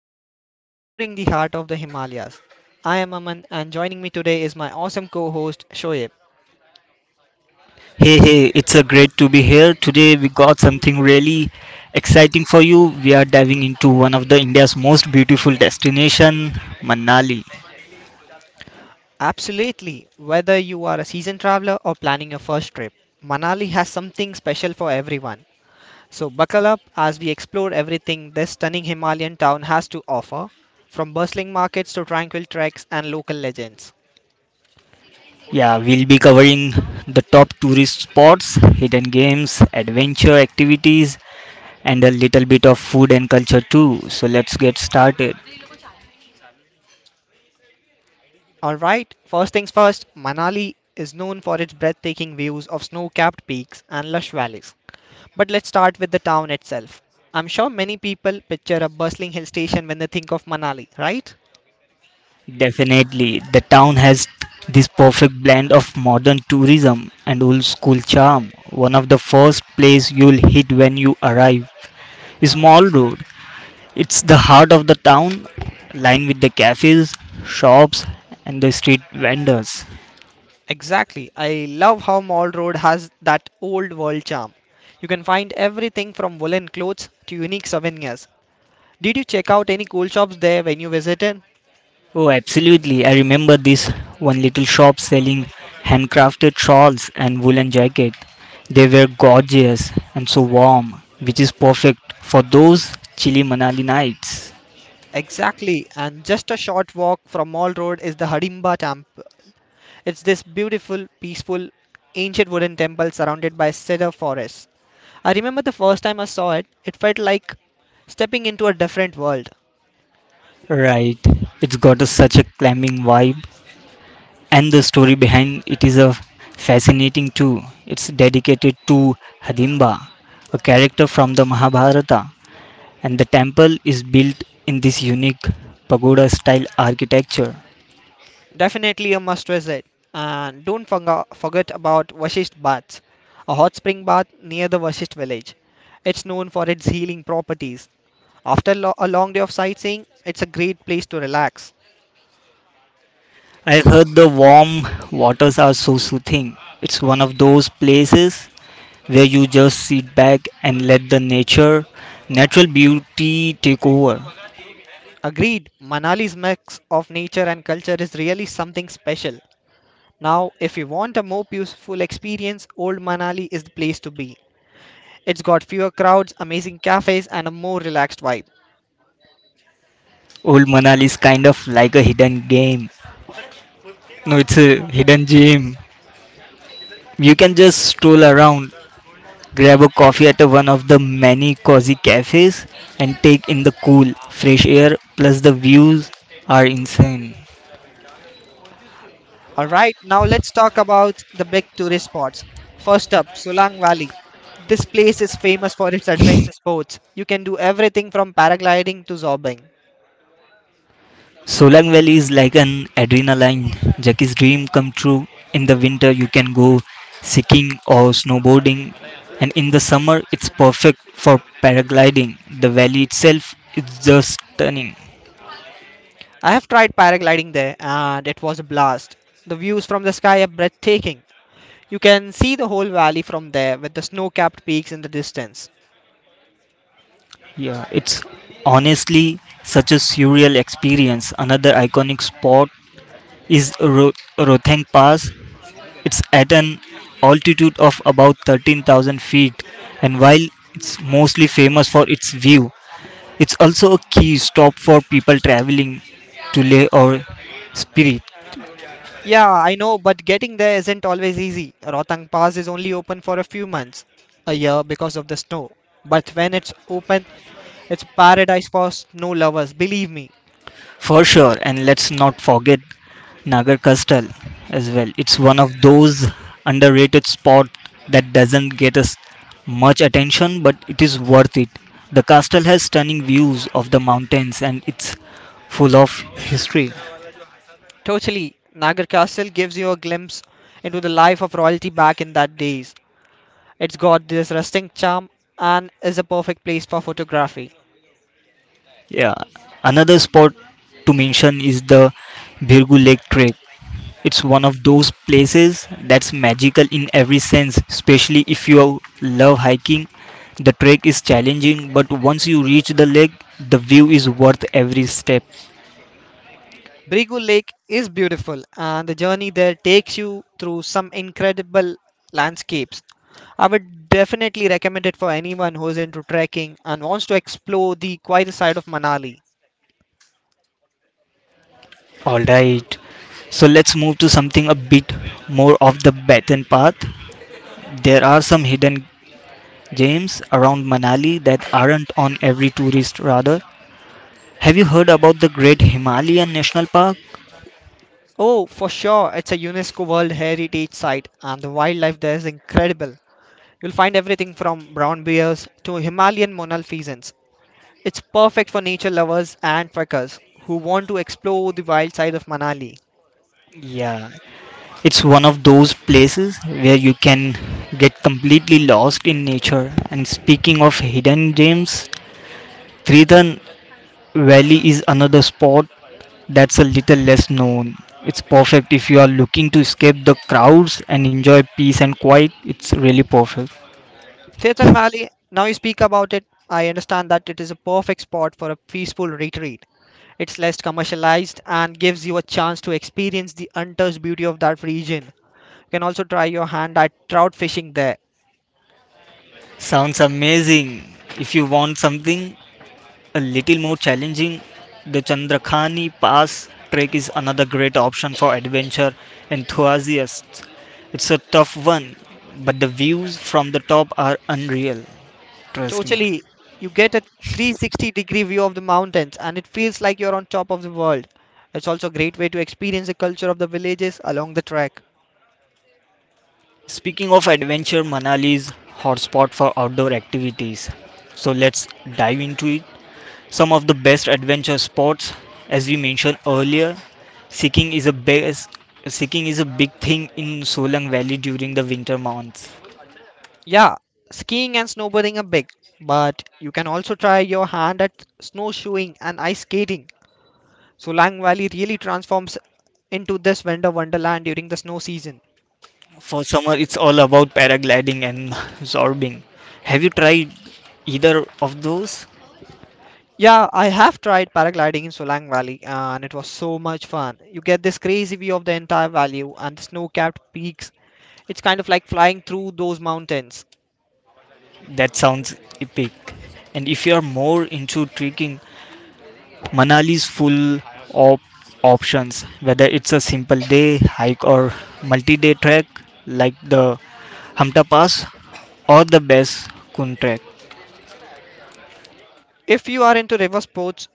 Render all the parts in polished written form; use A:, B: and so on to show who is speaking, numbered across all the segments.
A: Unplugged, exploring the heart of the Himalayas. I am Aman and joining me today is my awesome co-host Shoaib.
B: Hey, it's a great to be here. Today we got something really exciting for you. We are diving into one of the India's most beautiful destination, Manali.
A: Absolutely, whether you are a seasoned traveler or planning your first trip, Manali has something special for everyone. So buckle up as we explore everything this stunning Himalayan town has to offer, from bustling markets to tranquil treks and local legends.
B: Yeah, we'll be covering the top tourist spots, hidden games, adventure activities, and a little bit of food and culture too. So let's get started.
A: All right, first things first, Manali is known for its breathtaking views of snow capped peaks and lush valleys. But let's start with the town itself. I'm sure many people picture a bustling hill station when they think of Manali, right?
B: Definitely, the town has this perfect blend of modern tourism and old school charm. One of the first place you'll hit when you arrive is Mall Road. It's the heart of the town, lined with the cafes, shops, and the street vendors.
A: Exactly. I love how Mall Road has that old world charm. You can find everything from woolen clothes to unique souvenirs. Did you check out any cool shops there when you visited?
B: Oh, absolutely. I remember this one little shop selling handcrafted shawls and woolen jackets. They were gorgeous and so warm, which is perfect for those chilly Manali nights.
A: Exactly, and just a short walk from Mall Road is the Hadimba Temple. It's this beautiful, peaceful, ancient wooden temple surrounded by cedar forests. I remember the first time I saw it, it felt like stepping into a different world.
B: Right. It's got such a climbing vibe, and the story behind it is a fascinating too. It's dedicated to Hadimba, a character from the Mahabharata, and the temple is built in this unique pagoda-style architecture.
A: Definitely a must visit. And don't forget about Vashisht Baths, a hot spring bath near the Vashisht village. It's known for its healing properties. After a long day of sightseeing, it's a great place to relax.
B: I heard the warm waters are so soothing. It's one of those places where you just sit back and let natural beauty take over.
A: Agreed, Manali's mix of nature and culture is really something special. Now, if you want a more peaceful experience, Old Manali is the place to be. It's got fewer crowds, amazing cafes, and a more relaxed vibe.
B: Old Manali is kind of like a hidden game. No, it's a hidden gem. You can just stroll around, grab a coffee at a one of the many cozy cafes, and take in the cool, fresh air. Plus, the views are insane.
A: All right, now let's talk about the big tourist spots. First up, Solang Valley. This place is famous for its adventure sports. You can do everything from paragliding to zorbing.
B: Solang Valley is like an adrenaline. Jackie's dream come true. In the winter, you can go skiing or snowboarding, and in the summer, it's perfect for paragliding. The valley itself is just stunning.
A: I have tried paragliding there and it was a blast. The views from the sky are breathtaking. You can see the whole valley from there with the snow capped peaks in the distance.
B: Yeah, it's honestly such a surreal experience. Another iconic spot is Rothang Pass. It's at an altitude of about 13,000 feet, and while it's mostly famous for its view, it's also a key stop for people traveling to Leh or Spirit.
A: Yeah, I know, but getting there isn't always easy. Rotang Pass is only open for a few months a year because of the snow. But when it's open, it's paradise for snow lovers, believe me.
B: For sure, and let's not forget Nagar Castle as well. It's one of those underrated spots that doesn't get us much attention, but it is worth it. The castle has stunning views of the mountains and it's full of history.
A: Totally, Nagar Castle gives you a glimpse into the life of royalty back in that days. It's got this rustic charm and is a perfect place for photography.
B: Yeah, another spot to mention is the Birgu Lake Trek. It's one of those places that's magical in every sense, especially if you love hiking. The trek is challenging, but once you reach the lake, the view is worth every step.
A: Brigu Lake is beautiful, and the journey there takes you through some incredible landscapes. I would definitely recommend it for anyone who is into trekking and wants to explore the quieter side of Manali.
B: Alright, so let's move to something a bit more off the beaten path. There are some hidden gems around Manali that aren't on every tourist radar. Have you heard about the Great Himalayan National Park?
A: Oh, for sure, it's a UNESCO World Heritage Site, and the wildlife there is incredible. You'll find everything from brown bears to Himalayan monalfeasance. It's perfect for nature lovers and trekkers who want to explore the wild side of Manali.
B: Yeah, it's one of those places where you can get completely lost in nature. And speaking of hidden gems, Triton Valley is another spot that's a little less known. It's perfect if you are looking to escape the crowds and enjoy peace and quiet. It's really perfect.
A: Tirthan Valley, now you speak about it, I understand that it is a perfect spot for a peaceful retreat. It's less commercialized and gives you a chance to experience the untouched beauty of that region. You can also try your hand at trout fishing there.
B: Sounds amazing. If you want something a little more challenging, the Chandrakhani Pass trek is another great option for adventure enthusiasts. It's a tough one, but the views from the top are unreal. Trust me.
A: Totally, you get a 360 degree view of the mountains and it feels like you're on top of the world. It's also a great way to experience the culture of the villages along the trek.
B: Speaking of adventure, Manali is hotspot for outdoor activities. So let's dive into it. Some of the best adventure spots, as we mentioned earlier, Sikking is a big, Sikking is a big thing in Solang Valley during the winter months.
A: Yeah, skiing and snowboarding are big, but you can also try your hand at snowshoeing and ice skating. So Lang Valley really transforms into this winter wonderland during the snow season.
B: For summer, it's all about paragliding and zorbing. Have you tried either of those?
A: Yeah, I have tried paragliding in Solang Valley and it was so much fun. You get this crazy view of the entire valley and the snow capped peaks. It's kind of like flying through those mountains.
B: That sounds epic. And if you are more into trekking, Manali is full of options, whether it's a simple day hike or multi-day trek like the Hamta Pass or the best Kun trek.
A: If you are into river sports,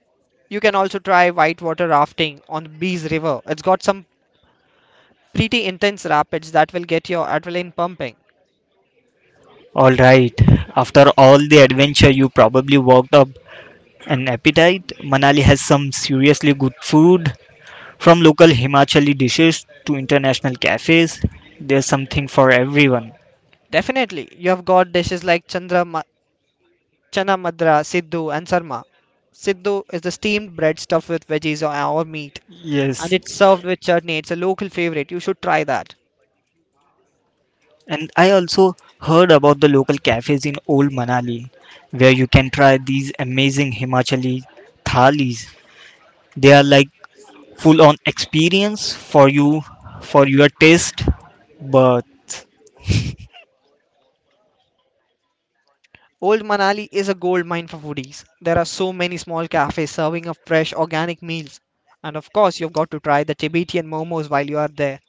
A: you can also try whitewater rafting on the Bees River. It's got some pretty intense rapids that will get your adrenaline pumping.
B: All right. After all the adventure, you probably worked up an appetite. Manali has some seriously good food. From local Himachali dishes to international cafes, there's something for everyone.
A: Definitely, you have got dishes like Chandra Chana Madra, Siddu, and Sarma. Siddu is the steamed bread stuffed with veggies or meat, and
B: Yes,
A: it's served with chutney. It's a local favorite. You should try that.
B: and I also heard about the local cafes in Old Manali where you can try these amazing Himachali thalis. They are like full on experience for your taste, but
A: Old Manali is a gold mine for foodies. There are so many small cafes serving up fresh organic meals. And of course, you've got to try the Tibetan momos while you are there.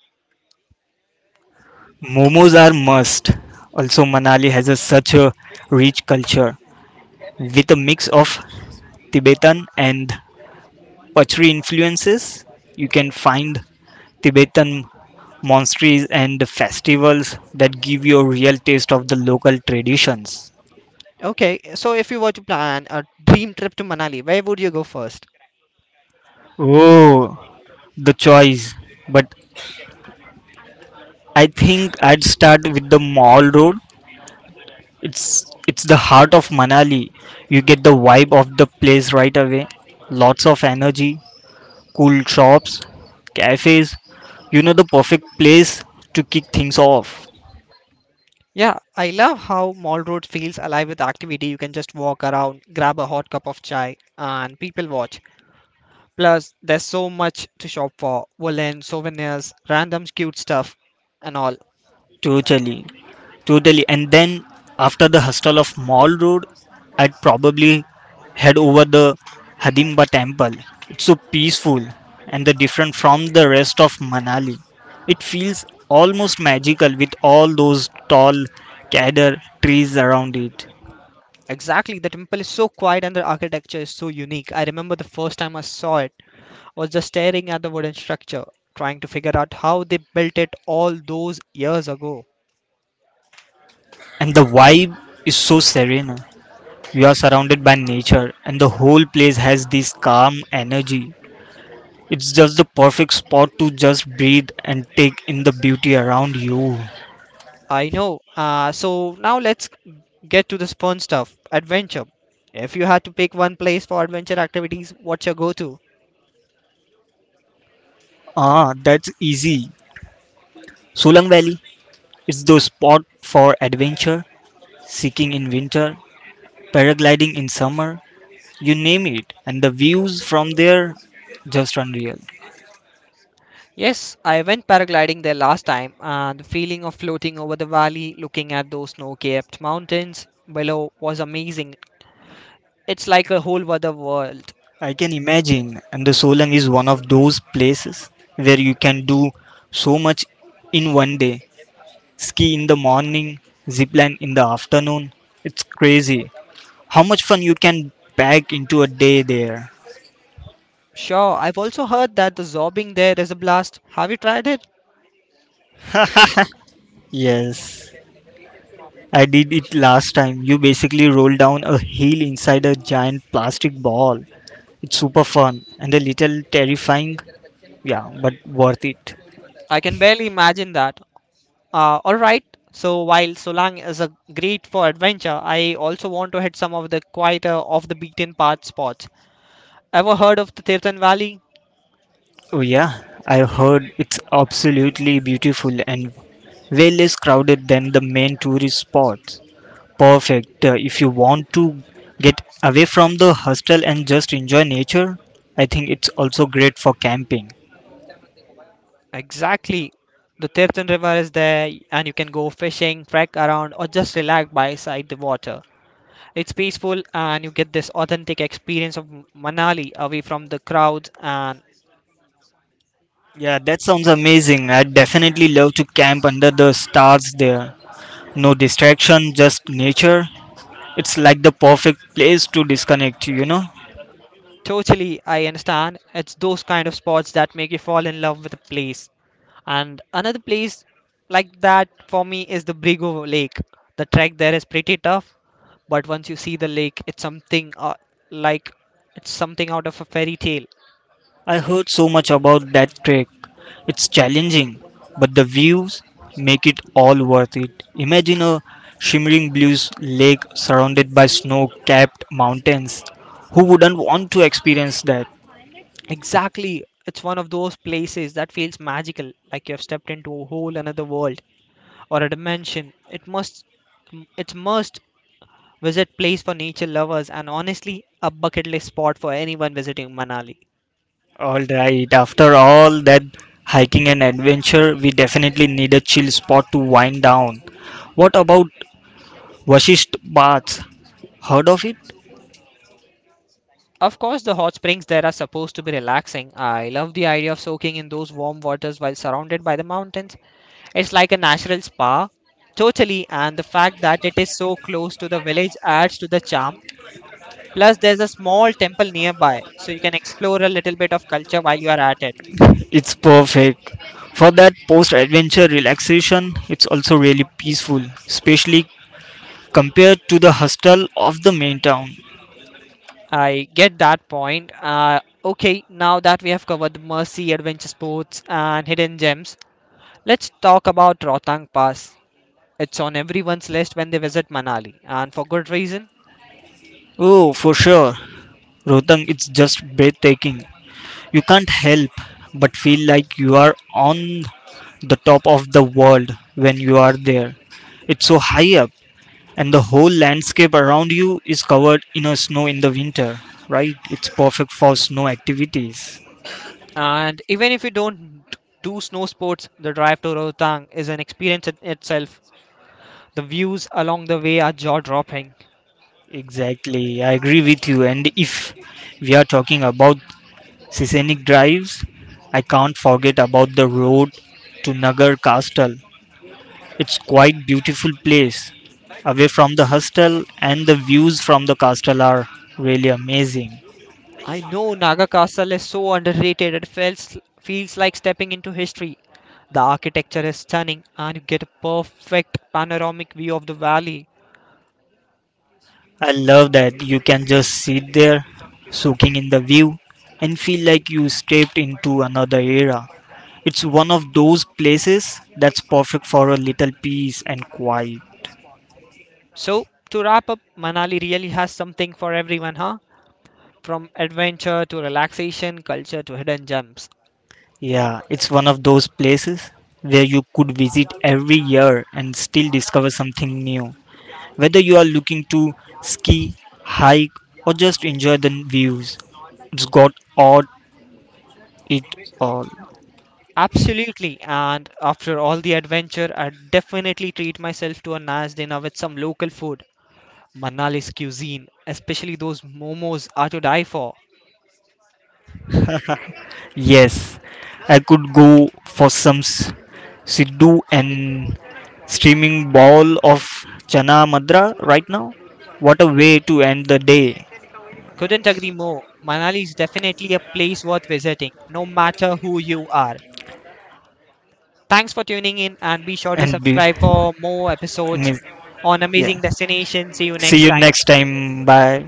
B: momos are must. Also Manali has such a rich culture with a mix of Tibetan and Pachri influences. You can find Tibetan monasteries and festivals that give you a real taste of the local traditions.
A: Okay, so if you were to plan a dream trip to Manali, where would you go first?
B: Oh, the choice. But I think I'd start with the Mall Road. It's it's the heart of Manali. You get the vibe of the place right away. Lots of energy, cool shops, cafes. You know the perfect place to kick things off.
A: Yeah, I love how Mall Road feels alive with activity. You can just walk around, grab a hot cup of chai, and people watch. Plus, there's so much to shop for woolen, souvenirs, random cute stuff, and all.
B: Totally, totally. And then after the hustle of Mall Road, I'd probably head over the Hadimba temple. It's so peaceful and the different from the rest of Manali. It feels almost magical with all those tall cedar trees around it.
A: Exactly, the temple is so quiet and the architecture is so unique. I remember the first time I saw it, I was just staring at the wooden structure, trying to figure out how they built it all those years ago.
B: And the vibe is so serene. You are surrounded by nature and the whole place has this calm energy. It's just the perfect spot to just breathe and take in the beauty around you.
A: I know. So now let's get to the fun stuff adventure. If you had to pick one place for adventure activities, what's your go to?
B: Ah, that's easy. Solang Valley. It's the spot for adventure, seeking in winter, paragliding in summer, you name it. And the views from there, just unreal.
A: Yes, I went paragliding there last time, and the feeling of floating over the valley, looking at those snow capped mountains below, was amazing. It's like a whole other world.
B: I can imagine. And the Solang is one of those places where you can do so much in one day. Ski in the morning, zipline in the afternoon. It's crazy how much fun you can pack into a day there.
A: Sure, I've also heard that the zorbing there is a blast. Have you tried it?
B: Yes, I did it last time. You basically roll down a hill inside a giant plastic ball. It's super fun and a little terrifying, yeah, but worth it.
A: I can barely imagine that. Alright, so while Solang is a great for adventure, I also want to hit some of the quieter, off the beaten path spots. Ever heard of the Tirthan Valley?
B: Oh yeah, I've heard it's absolutely beautiful and way less crowded than the main tourist spots. Perfect if you want to get away from the hostel and just enjoy nature. I think it's also great for camping.
A: Exactly. The Tirthan River is there, and you can go fishing, trek around, or just relax by side the water. It's peaceful, and you get this authentic experience of Manali away from the crowds. And
B: Yeah, that sounds amazing. I'd definitely love to camp under the stars there. No distraction, just nature. It's like the perfect place to disconnect, you know?
A: totally, I understand. It's those kind of spots that make you fall in love with a place. And another place like that for me is the Brigo Lake. The trek there is pretty tough, but once you see the lake, it's something like it's something out of a fairy tale.
B: I heard so much about that trek. It's challenging, but the views make it all worth it. Imagine a shimmering blue lake surrounded by snow capped mountains. Who wouldn't want to experience that?
A: Exactly. It's one of those places that feels magical, like you have stepped into a whole another world or a dimension. It must it's must visit place for nature lovers and honestly a bucket list spot for anyone visiting Manali.
B: Alright, after all that hiking and adventure, we definitely need a chill spot to wind down. What about Vashisht Baths? Heard of it?
A: Of course, the hot springs there are supposed to be relaxing. I love the idea of soaking in those warm waters while surrounded by the mountains. It's like a natural spa. Totally, and the fact that it is so close to the village adds to the charm. Plus, there's a small temple nearby, so you can explore a little bit of culture while you are at it.
B: It's perfect for that post adventure relaxation. It's also really peaceful, especially compared to the hustle of the main town.
A: I get that point. Okay, now that we have covered the Mercy, adventure sports, and hidden gems, let's talk about Rotang Pass. It's on everyone's list when they visit Manali, and for good reason.
B: Oh, for sure. Rohtang, it's just breathtaking. You can't help but feel like you are on the top of the world when you are there. It's so high up, and the whole landscape around you is covered in a snow in the winter, right? It's perfect for snow activities.
A: And even if you don't do snow sports, the drive to Rotang is an experience in itself. The views along the way are jaw dropping.
B: Exactly, I agree with you. And if we are talking about scenic drives, I can't forget about the road to Nagar Castle. It's quite beautiful place. Away from the hostel and the views from the castle are really amazing.
A: I know Naga Castle is so underrated it feels like stepping into history. The architecture is stunning and you get a perfect panoramic view of the valley.
B: I love that you can just sit there soaking in the view and feel like you stepped into another era. It's one of those places that's perfect for a little peace and quiet.
A: So, to wrap up, Manali really has something for everyone, huh? From adventure to relaxation, culture to hidden gems.
B: Yeah, it's one of those places where you could visit every year and still discover something new. Whether you are looking to ski, hike, or just enjoy the views, it's got it all.
A: Absolutely, and after all the adventure, I definitely treat myself to a nice dinner with some local food. Manali's cuisine, especially those momos, are to die for.
B: Yes, I could go for some Siddu and streaming bowl of Chana Madra right now. What a way to end the day!
A: Couldn't agree more. Manali is definitely a place worth visiting, no matter who you are. Thanks for tuning in and be sure to
B: And be,
A: subscribe for more
B: I
A: episodes
B: mean,
A: on
B: Yeah.
A: amazing destinations. See you next
B: See you
A: time.
B: next time. Bye.